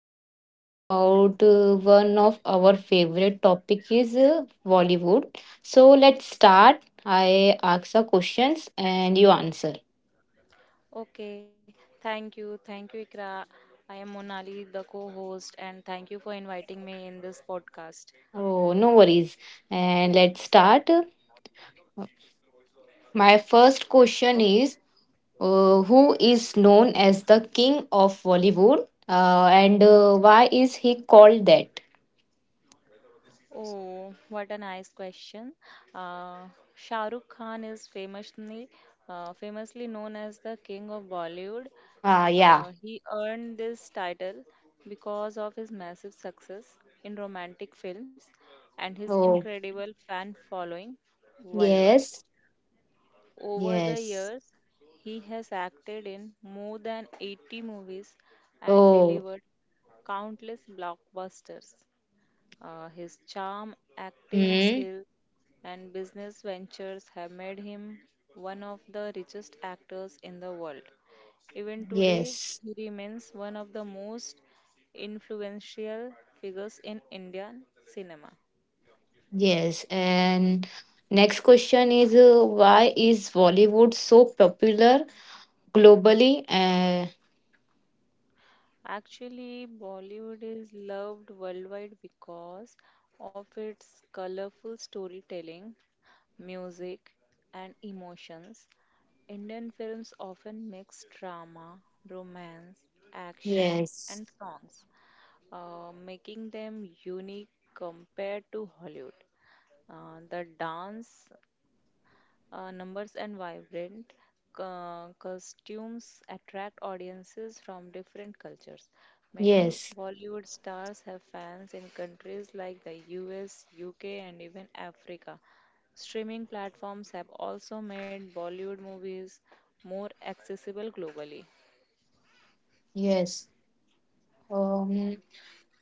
are talking about one of our favorite topic is Bollywood. So let's start. I ask the questions and you answer. Okay, thank you. Thank you, Ikra. I am Monali, the co host, and thank you for inviting me in this podcast. Oh, no worries. And let's start. My first question Okay. is who is known as the king of Bollywood and why is he called that? Oh, what a nice question. Uh, Shah Rukh Khan is famously known as the King of Bollywood. Ah, yeah. He earned this title because of his massive success in romantic films and his Oh, incredible fan following worldwide. yes. Over the Yes. years, he has acted in more than 80 movies and Oh, delivered countless blockbusters. His charm, acting hmm. skill, and business ventures have made him one of the richest actors in the world. Even today, Yes, he remains one of the most influential figures in Indian cinema. yes. And next question is why is Bollywood so popular globally? Actually, Bollywood is loved worldwide because of its colorful storytelling, music, and emotions. Indian films often mix drama, romance, action, Yes, and songs, making them unique compared to Hollywood. The dance numbers and vibrant costumes attract audiences from different cultures. Many yes, Bollywood stars have fans in countries like the US, UK, and even Africa. Streaming platforms have also made Bollywood movies more accessible globally. yes. Um,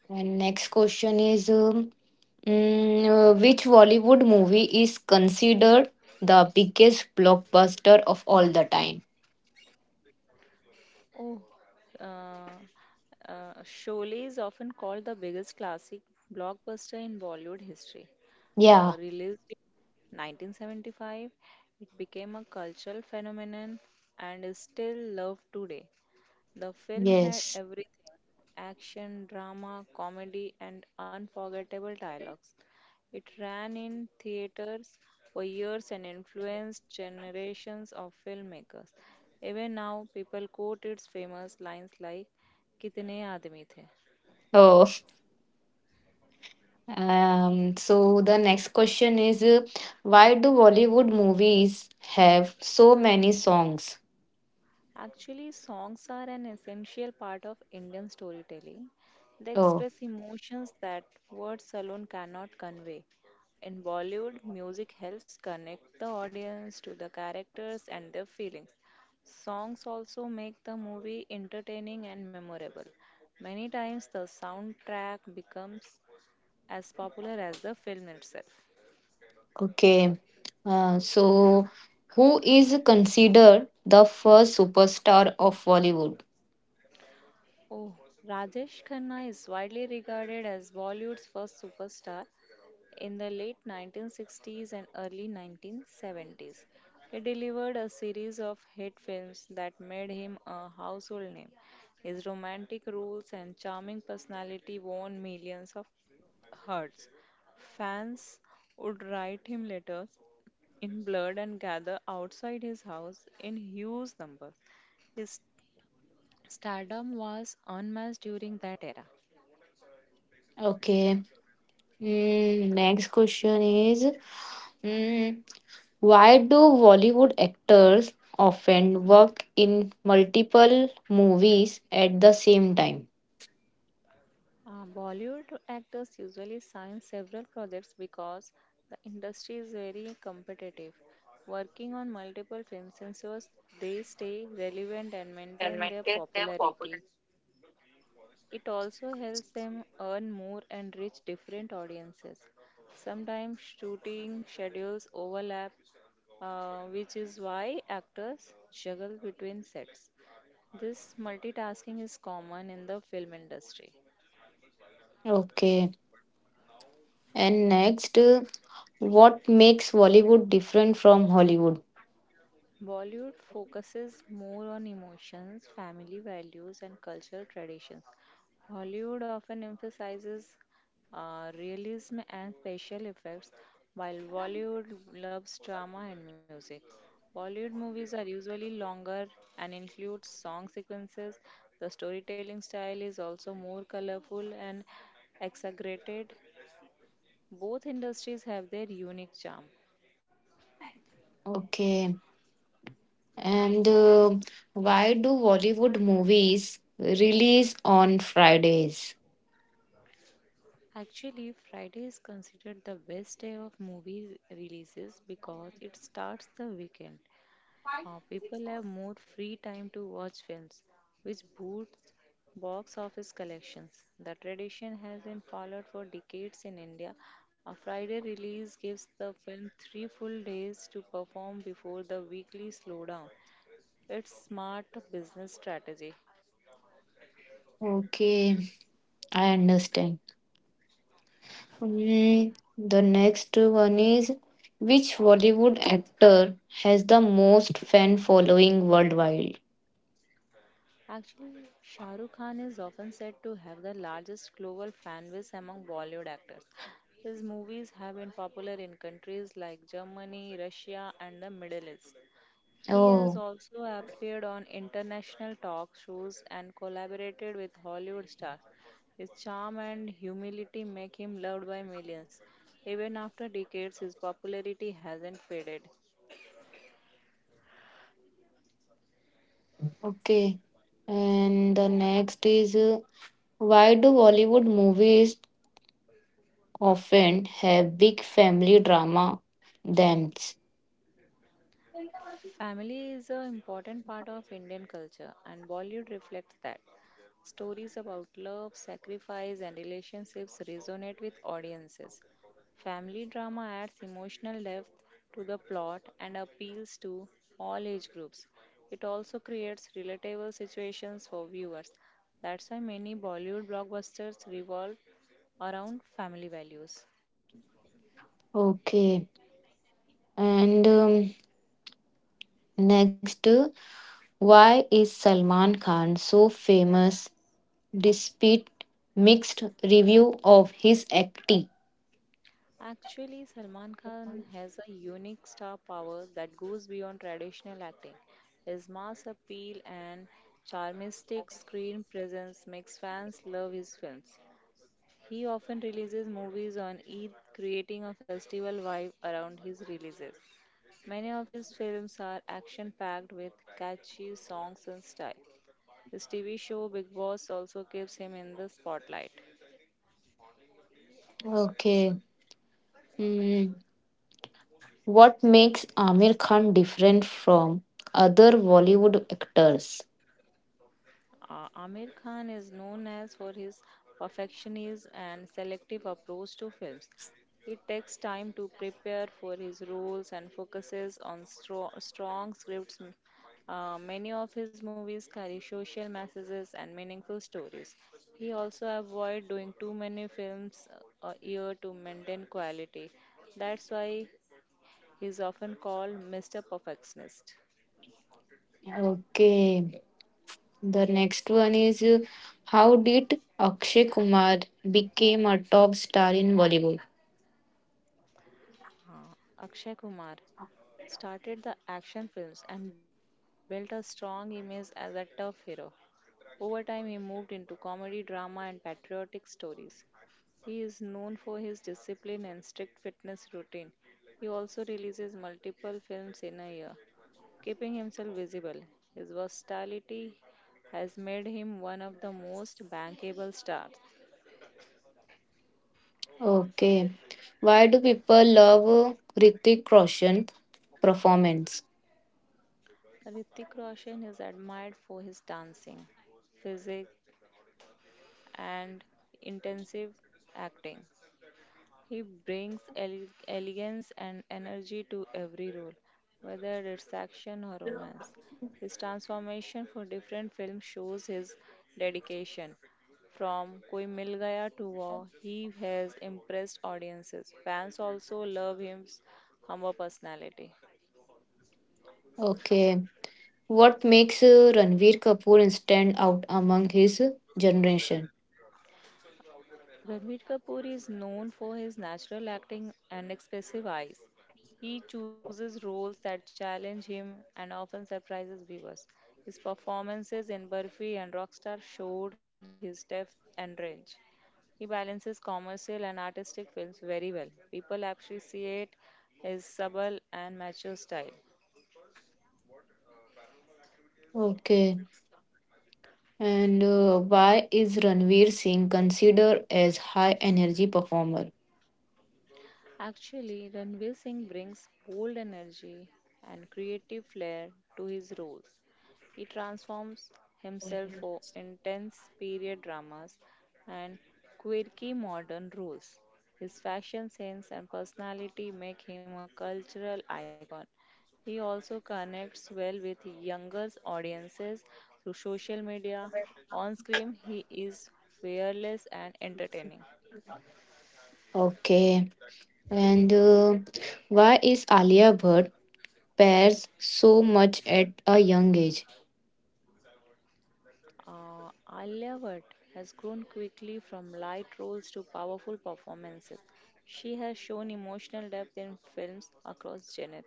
and next question is which Bollywood movie is considered the biggest blockbuster of all the time? Oh, uh, Sholay is often called the biggest classic blockbuster in Bollywood history. Yeah, Released in 1975, it became a cultural phenomenon and is still loved today. The film had yes. everything action, drama, comedy, and unforgettable dialogues. It ran in theaters for years and influenced generations of filmmakers. Even now, people quote its famous lines like Kitne aadmi the? Oh. So the next question is why do Bollywood movies have so many songs? Actually, songs are an essential part of Indian storytelling. They Oh, express emotions that words alone cannot convey. In Bollywood, music helps connect the audience to the characters and their feelings. Songs also make the movie entertaining and memorable. Many times, the soundtrack becomes as popular as the film itself. okay. So who is considered the first superstar of Bollywood? Oh, Rajesh Khanna is widely regarded as Bollywood's first superstar. In the late 1960s and early 1970s, he delivered a series of hit films that made him a household name. His romantic roles and charming personality won millions of hearts. Fans would write him letters in blood and gather outside his house in huge numbers. His stardom was unmatched during that era. Okay. Next question is mm, why do Bollywood actors often work in multiple movies at the same time? Bollywood actors usually sign several projects because the industry is very competitive. Working on multiple films ensures they stay relevant and maintain their popularity. It also helps them earn more and reach different audiences. Sometimes shooting schedules overlap, which is why actors juggle between sets. This multitasking is common in the film industry. Okay. And next, what makes Bollywood different from Hollywood? Bollywood focuses more on emotions, family values, and cultural traditions. Hollywood often emphasizes realism and special effects, while Bollywood loves drama and music. Bollywood movies are usually longer and include song sequences. The storytelling style is also more colorful and exaggerated. Both industries have their unique charm. Okay. And why do Bollywood movies release on Fridays? Actually, Friday is considered the best day of movie releases because it starts the weekend. People have more free time to watch films, which boosts box office collections. The tradition has been followed for decades in India. A Friday release gives the film three full days to perform before the weekly slowdown. It's smart business strategy. Okay, I understand. Hmm, the next one is which Bollywood actor has the most fan following worldwide? Actually, Shah Rukh Khan is often said to have the largest global fan base among Bollywood actors. His movies have been popular in countries like Germany, Russia, and the Middle East. He has Oh, also appeared on international talk shows and collaborated with Hollywood stars. His charm and humility make him loved by millions. Even after decades, his popularity hasn't faded. okay. And the next is why do Bollywood movies often have big family drama themes. Family is an important part of Indian culture, and Bollywood reflects that. Stories about love, sacrifice, and relationships resonate with audiences. Family drama adds emotional depth to the plot and appeals to all age groups. It also creates relatable situations for viewers. That's why many Bollywood blockbusters revolve around family values. Okay, and next, why is Salman Khan so famous despite mixed review of his acting? Actually, Salman Khan has a unique star power that goes beyond traditional acting. His mass appeal and charmistic screen presence makes fans love his films. He often releases movies on Eid, creating a festival vibe around his releases. Many of his films are action packed with catchy songs and style. His TV show Big Boss also keeps him in the spotlight. Okay, hmm, what makes Amir Khan different from other Bollywood actors? Amir Khan is known as for his perfectionism and selective approach to films. He takes time to prepare for his roles and focuses on strong scripts. Many of his movies carry social messages and meaningful stories. He also avoids doing too many films a year to maintain quality. That's why he is often called Mr. Perfectionist. Okay, the next one is how did Akshay Kumar became a top star in Bollywood? Uh, Akshay Kumar started the action films and built a strong image as a tough hero. Over time, he moved into comedy, drama, and patriotic stories. He is known for his discipline and strict fitness routine. He also releases multiple films in a year, keeping himself visible. His versatility has made him one of the most bankable stars. Okay. Why do people love Hrithik Roshan performance? Hrithik Roshan is admired for his dancing, physique, and intensive acting. He brings elegance and energy to every role, whether it's action or romance. His transformation for different films shows his dedication. From Koi Mil Gaya to Wow, he has impressed audiences. Fans also love his humble personality. Okay. What makes Ranveer Kapoor stand out among his generation? Ranbir Kapoor is known for his natural acting and expressive eyes. He chooses roles that challenge him and often surprises viewers. His performances in Burfi and Rockstar showed his depth and range. He balances commercial and artistic films very well. People appreciate his subtle and mature style. Okay. And why is Ranveer Singh considered as high energy performer? Actually, Ranveer Singh brings bold energy and creative flair to his roles. He transforms himself for intense period dramas and quirky modern roles. His fashion sense and personality make him a cultural icon. He also connects well with younger audiences through social media. On screen, he is fearless and entertaining. Okay. And why is Alia Bhatt pairs so much at a young age? Alia Bhatt has grown quickly from light roles to powerful performances. She has shown emotional depth in films across genres.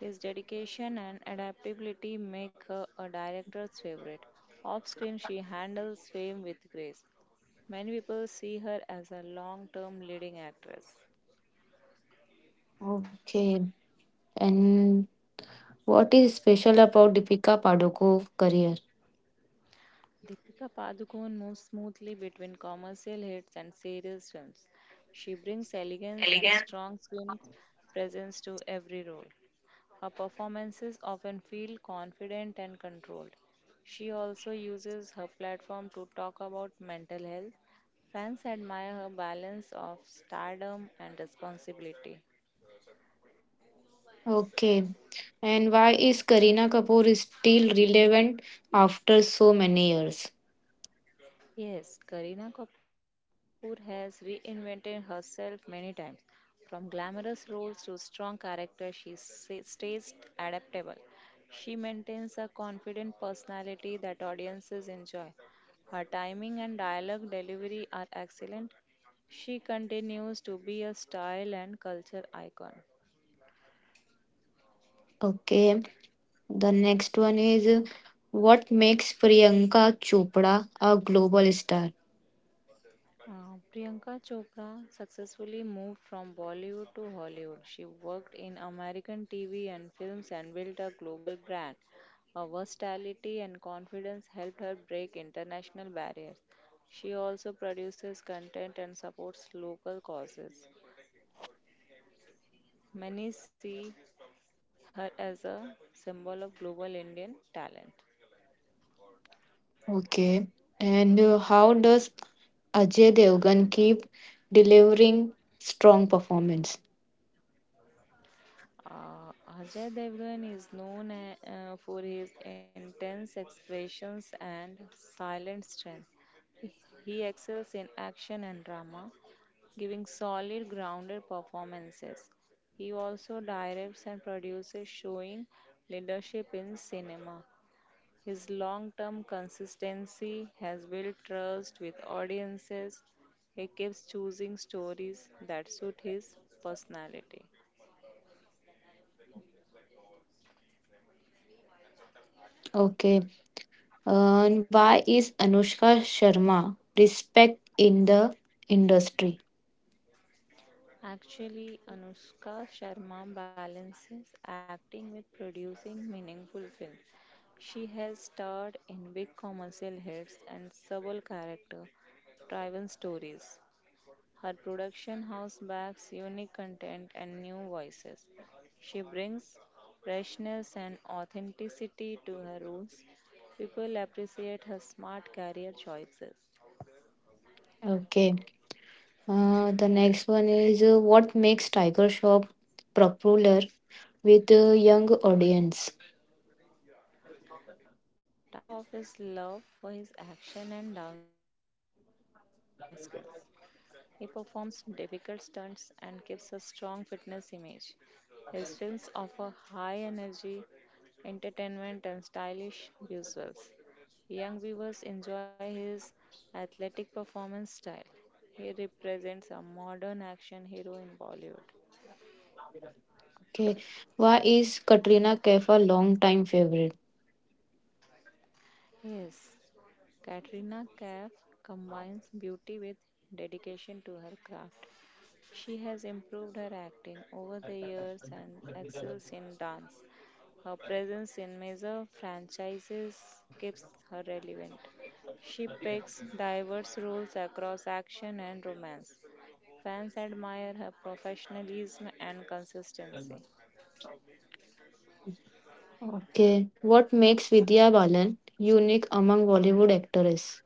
His dedication and adaptability make her a director's favorite. Off screen, she handles fame with grace. Many people see her as a long term leading actress. Okay. And what is special about Deepika Padukone's career? Deepika Padukone moves smoothly between commercial hits and serious films. She brings elegance and strong screen presence to every role. Her performances often feel confident and controlled. She also uses her platform to talk about mental health. Fans admire her balance of stardom and responsibility. Okay. And why is Kareena Kapoor still relevant after so many years? Yes, Kareena Kapoor has reinvented herself many times. From glamorous roles to strong character, she stays adaptable. She maintains a confident personality that audiences enjoy. Her timing and dialogue delivery are excellent. She continues to be a style and culture icon. Okay. The next one is what makes Priyanka Chopra a global star? Priyanka Chopra successfully moved from Bollywood to Hollywood. She worked in American TV and films and built a global brand. Her versatility and confidence helped her break international barriers. She also produces content and supports local causes. Many see her as a symbol of global Indian talent. Okay. And how does Ajay Devgan keep delivering strong performance? Uh, Ajay Devgan is known for his intense expressions and silent strength. He excels in action and drama, giving solid, grounded performances. He also directs and produces, showing leadership in cinema. His long term consistency has built trust with audiences. He keeps choosing stories that suit his personality. Okay. And why is Anushka Sharma respect in the industry? Actually, Anushka Sharma balances acting with producing meaningful films. She has starred in big commercial hits and subtle character driven stories. Her production house backs unique content and new voices. She brings freshness and authenticity to her roles. People appreciate her smart career choices. Okay. The next one is what makes Tiger Shop popular with a young audience? Tiger Shroff is loved for his action and dance skills. He performs difficult stunts and gives a strong fitness image. His films offer high energy, entertainment, and stylish visuals. Young viewers enjoy his athletic performance style. He represents a modern action hero in Bollywood. Okay, why is Katrina Kaif a long-time favorite? Yes, Katrina Kaif combines beauty with dedication to her craft. She has improved her acting over the years and excels in dance. Her presence in major franchises keeps her relevant. She picks diverse roles across action and romance. Fans admire her professionalism and consistency. Okay, what makes Vidya Balan unique among Bollywood actresses?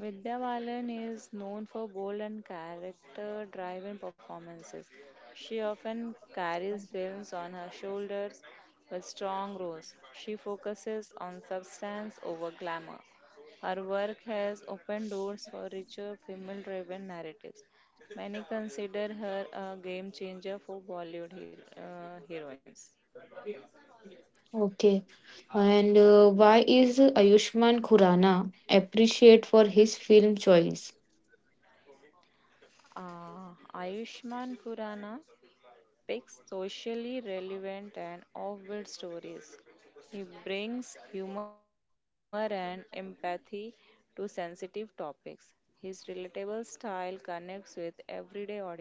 Vidya Balan is known for bold and character driven performances. She often carries films on her shoulders with strong roles. She focuses on substance over glamour. Her work has opened doors for richer female driven narratives. Many consider her a game changer for Bollywood heroines. Okay, and why is Ayushman Khurrana appreciated for his film choice? Ayushman Khurrana picks socially relevant and offbeat stories. He brings humor and empathy to sensitive topics. His relatable style connects with everyday audiences.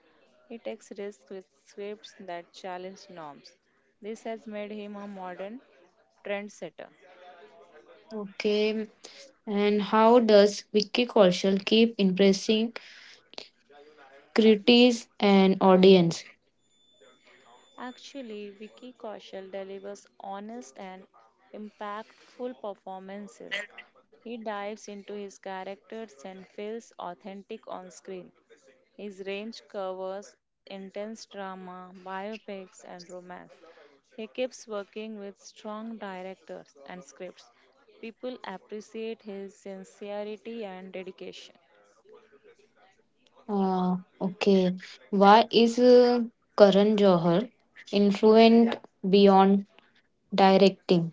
He takes risks with scripts that challenge norms. This has made him a modern trendsetter. Okay, and how does Vicky Kaushal keep impressing critics and audience? Actually, Vicky Kaushal delivers honest and impactful performances. He dives into his characters and feels authentic on screen. His range covers intense drama, biopics, and romance. He keeps working with strong directors and scripts. People appreciate his sincerity and dedication. Okay. Why is Karan Johar influent beyond directing?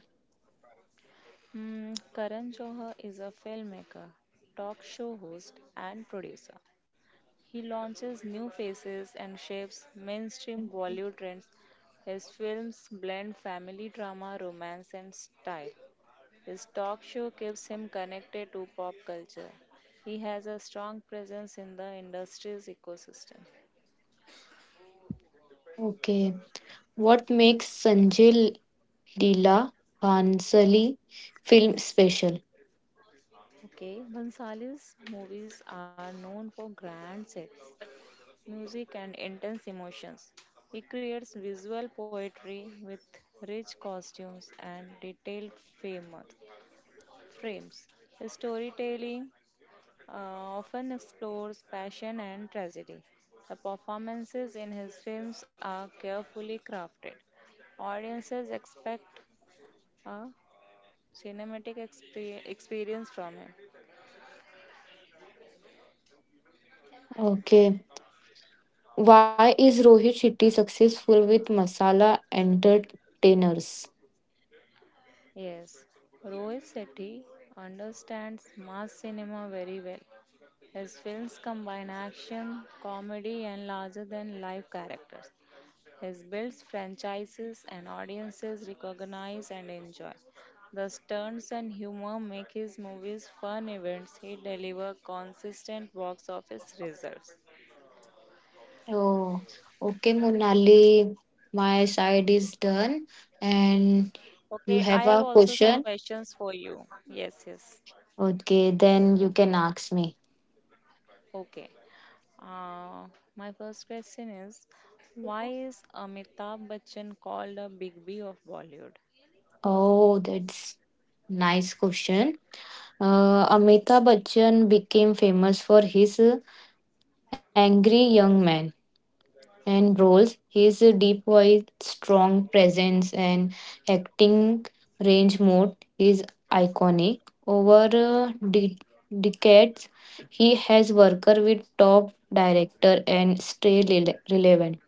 Karan Johar is a filmmaker, talk show host, and producer. He launches new faces and shapes mainstream Bollywood trends. His films blend family drama, romance, and style. His talk show keeps him connected to pop culture. He has a strong presence in the industry's ecosystem. Okay. What makes Sanjay Leela Bhansali film special? Okay, Bhansali's movies are known for grand sets, music, and intense emotions. He creates visual poetry with rich costumes and detailed famous frames. His storytelling uh, often explores passion and tragedy. The performances in his films are carefully crafted. Audiences expect a cinematic experience from him. Okay. Why is Rohit Shetty successful with Masala Entertainers? Yes, Rohit Sethi understands mass cinema very well. His films combine action, comedy, and larger than life characters. He builds franchises and audiences recognize and enjoy. The stunts and humor make his movies fun events. He deliver consistent box office results. Oh, okay, Monali. My side is done, and Okay, you I have have a also some question. questions for you. Yes, yes. Okay, then you can ask me. Okay. Uh, my first question is, why is Amitabh Bachchan called a Big B of Bollywood? Oh, that's nice question. Amitabh Bachchan became famous for his angry young man and roles. His deep voice, strong presence, and acting range mode is iconic. Over decades, he has worked with top director and stay relevant.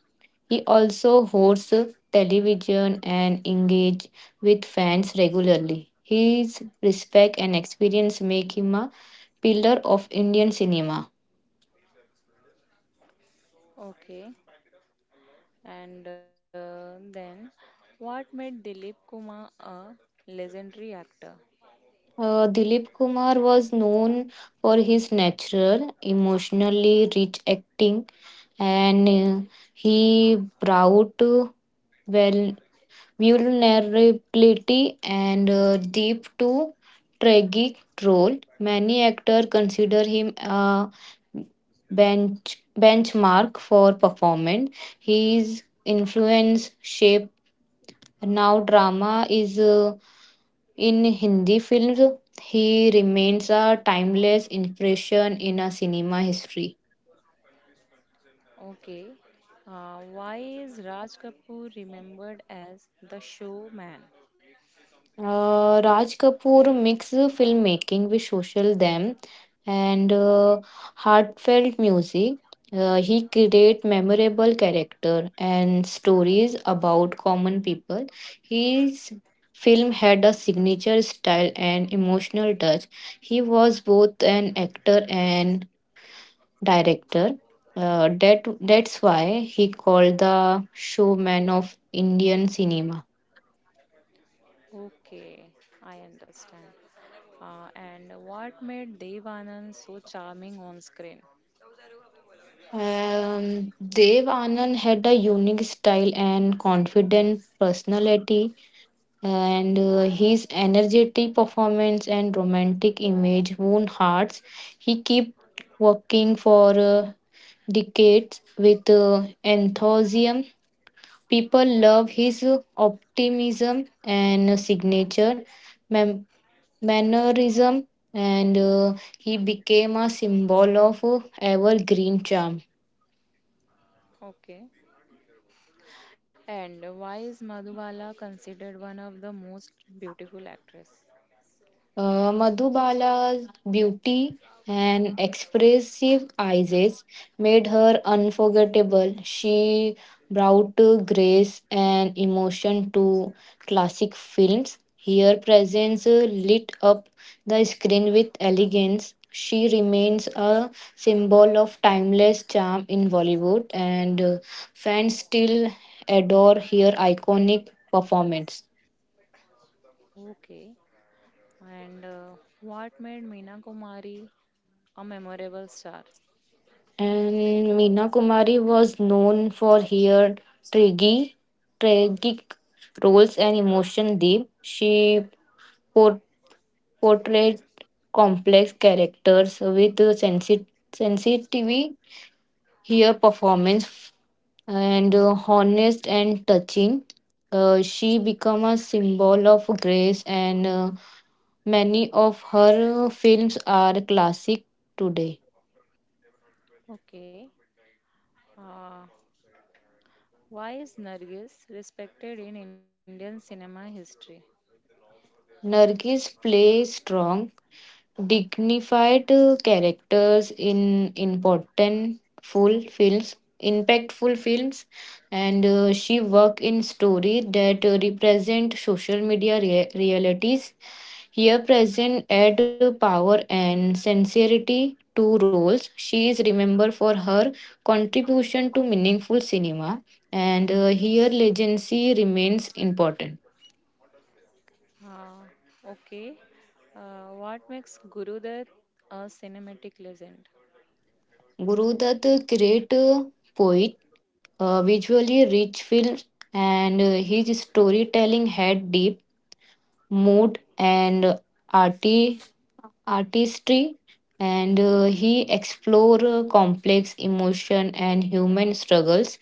He also hosts television and engages with fans regularly. His respect and experience make him a pillar of Indian cinema. Okay. And then, what made Dilip Kumar a legendary actor? Dilip Kumar was known for his natural, emotionally rich acting, and he brought well vulnerability and deep to tragic role. Many actors consider him a benchmark for performance. His influence shaped now drama is in Hindi films. He remains a timeless impression in a cinema history. Okay. Why is Raj Kapoor remembered as the showman? Raj Kapoor mixed filmmaking with social them and heartfelt music. He create memorable character and stories about common people. His film had a signature style and emotional touch. He was both an actor and director. That's why he called the showman of Indian cinema. Okay, I understand. And what made Dev Anand so charming on screen? Um, Dev Anand had a unique style and confident personality, and his energetic performance and romantic image won hearts. He kept working for decades with enthusiasm. People love his optimism and signature man- mannerism, and he became a symbol of evergreen charm. Okay. And why is Madhubala considered one of the most beautiful actress? Madhubala's beauty and expressive eyes made her unforgettable. She brought grace and emotion to classic films. Her presence lit up the screen with elegance. She remains a symbol of timeless charm in Bollywood, and fans still adore her iconic performance. Okay. And what made Meena Kumari a memorable star? And Meena Kumari was known for her tragic, tragic roles and emotion deep. She por- portrayed complex characters with sensitivity. Her performance and honest and touching. She became a symbol of grace, and many of her films are classic today. Okay. Uh, why is Nargis respected in Indian cinema history? Nargis plays strong, dignified characters in impactful films, and she work in story that represent social media realities. Here present add power and sincerity to roles. She is remembered for her contribution to meaningful cinema, and here legacy remains important. Okay. What makes Gurudat a cinematic legend? Gurudutt, great poet, visually rich films, and his storytelling had deep mood and arti- artistry, and he explored complex emotion and human struggles.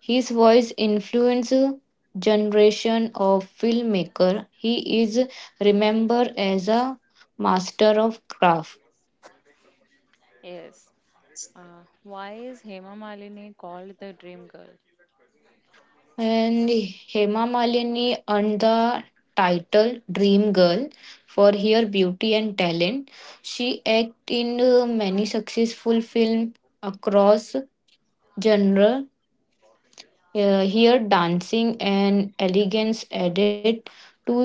His voice influenced generation of filmmaker. He is remembered as a master of craft. Yes. Why is Hema Malini called the dream girl? And Hema Malini earned the title Dream Girl for her beauty and talent. She acted in many successful films across genre. Her dancing and elegance added to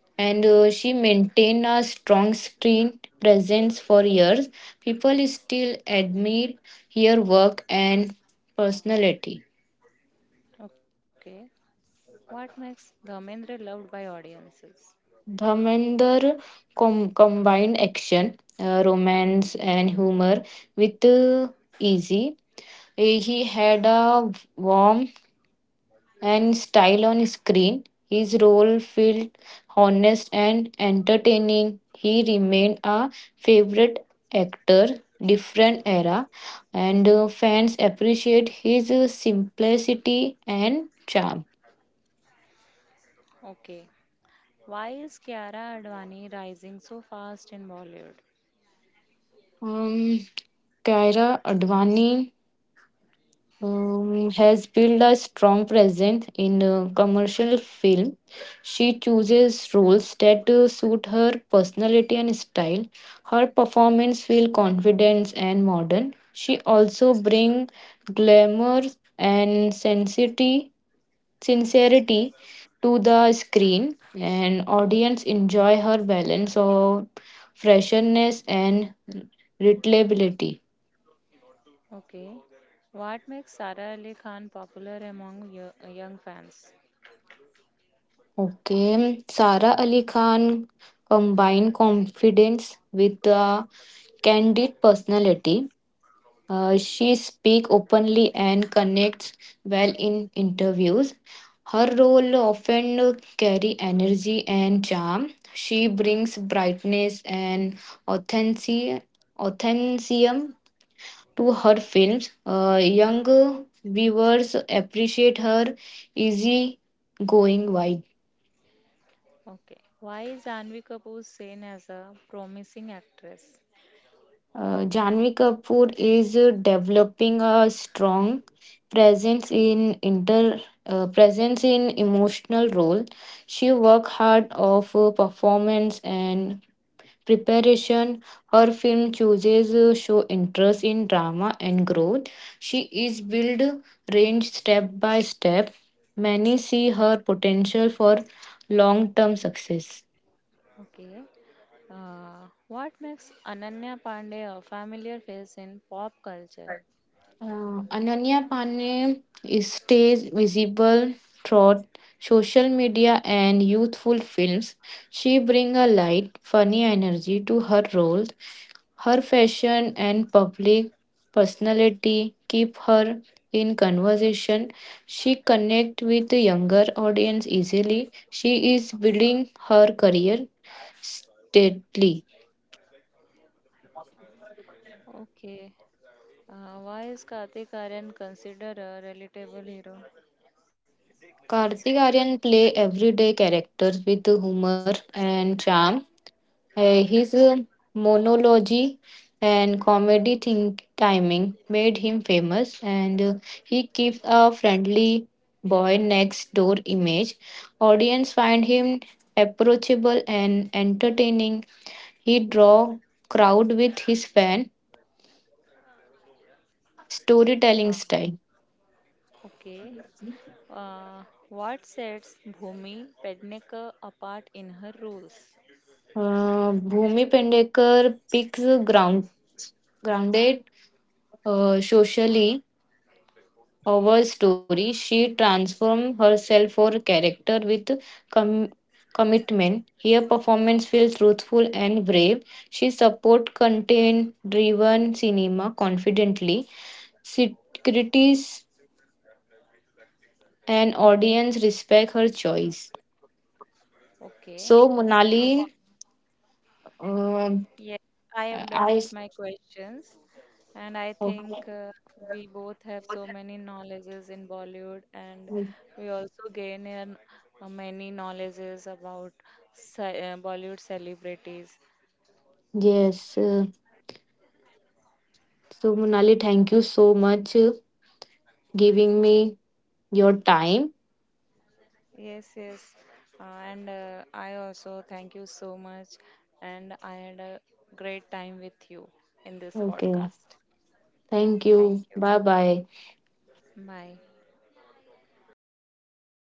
and she maintained a strong screen presence for years. People still admire her work and personality. Okay. What makes Dharmendra loved by audiences? Dharmender combined action, romance, and humor with easy. He had a warm and style on screen. His role felt honest and entertaining. He remained a favorite actor, different era, and fans appreciate his simplicity and charm. Okay. Why is Kiara Advani rising so fast in Bollywood? Um, Kaira Advani has built a strong presence in commercial film. She chooses roles that suit her personality and style. Her performance feel confident and modern. She also bring glamour and sincerity to the screen, and audience enjoy her balance of freshness and relatability. Okay. What makes Sara Ali Khan popular among young fans? Okay, Sara Ali Khan combined confidence with a candid personality. She speaks openly and connects well in interviews. Her role often carry energy and charm. She brings brightness and authenticity authenticism to her films. Young viewers appreciate her easy going vibe. Okay. Why is Anvi Kapoor seen as a promising actress? Janvi Kapoor is developing a strong presence in inter presence in emotional role. She worked hard of performance and preparation. Her film chooses show interest in drama and growth. She is build range step by step. Many see her potential for long term success. Okay. What makes Ananya Pandey a familiar face in pop culture? Ananya Pane is stays visible throughout social media and youthful films. She brings a light, funny energy to her roles. Her fashion and public personality keep her in conversation. She connect with the younger audience easily. She is building her career steadily. Okay. Why is Kartik Aryan considered a relatable hero? Karthik Aryan play everyday characters with humor and charm. His monology and comedy think timing made him famous, and he keeps a friendly boy next door image. Audience find him approachable and entertaining. He draw crowd with his fan storytelling Uh, style. okay. Uh, what sets Bhumi Pednekar apart in her roles? Bhumi Pendekar picks grounded socially our story, she transformed herself for character with com- commitment. Her performance feels truthful and brave. She support content-driven cinema confidently. Sit- Critics and audience respect her choice. Okay. So, Uh, wha- Monali, um, Yes, I am done I with my questions, and I think we both have so many knowledges in Bollywood, and we also gain in, many knowledges about Bollywood celebrities. yes. So, Monali, thank you so much giving me your time. Yes, yes, uh, and I also thank you so much, and I had a great time with you in this Okay. podcast. Thank Thank you. you. Bye bye. Bye.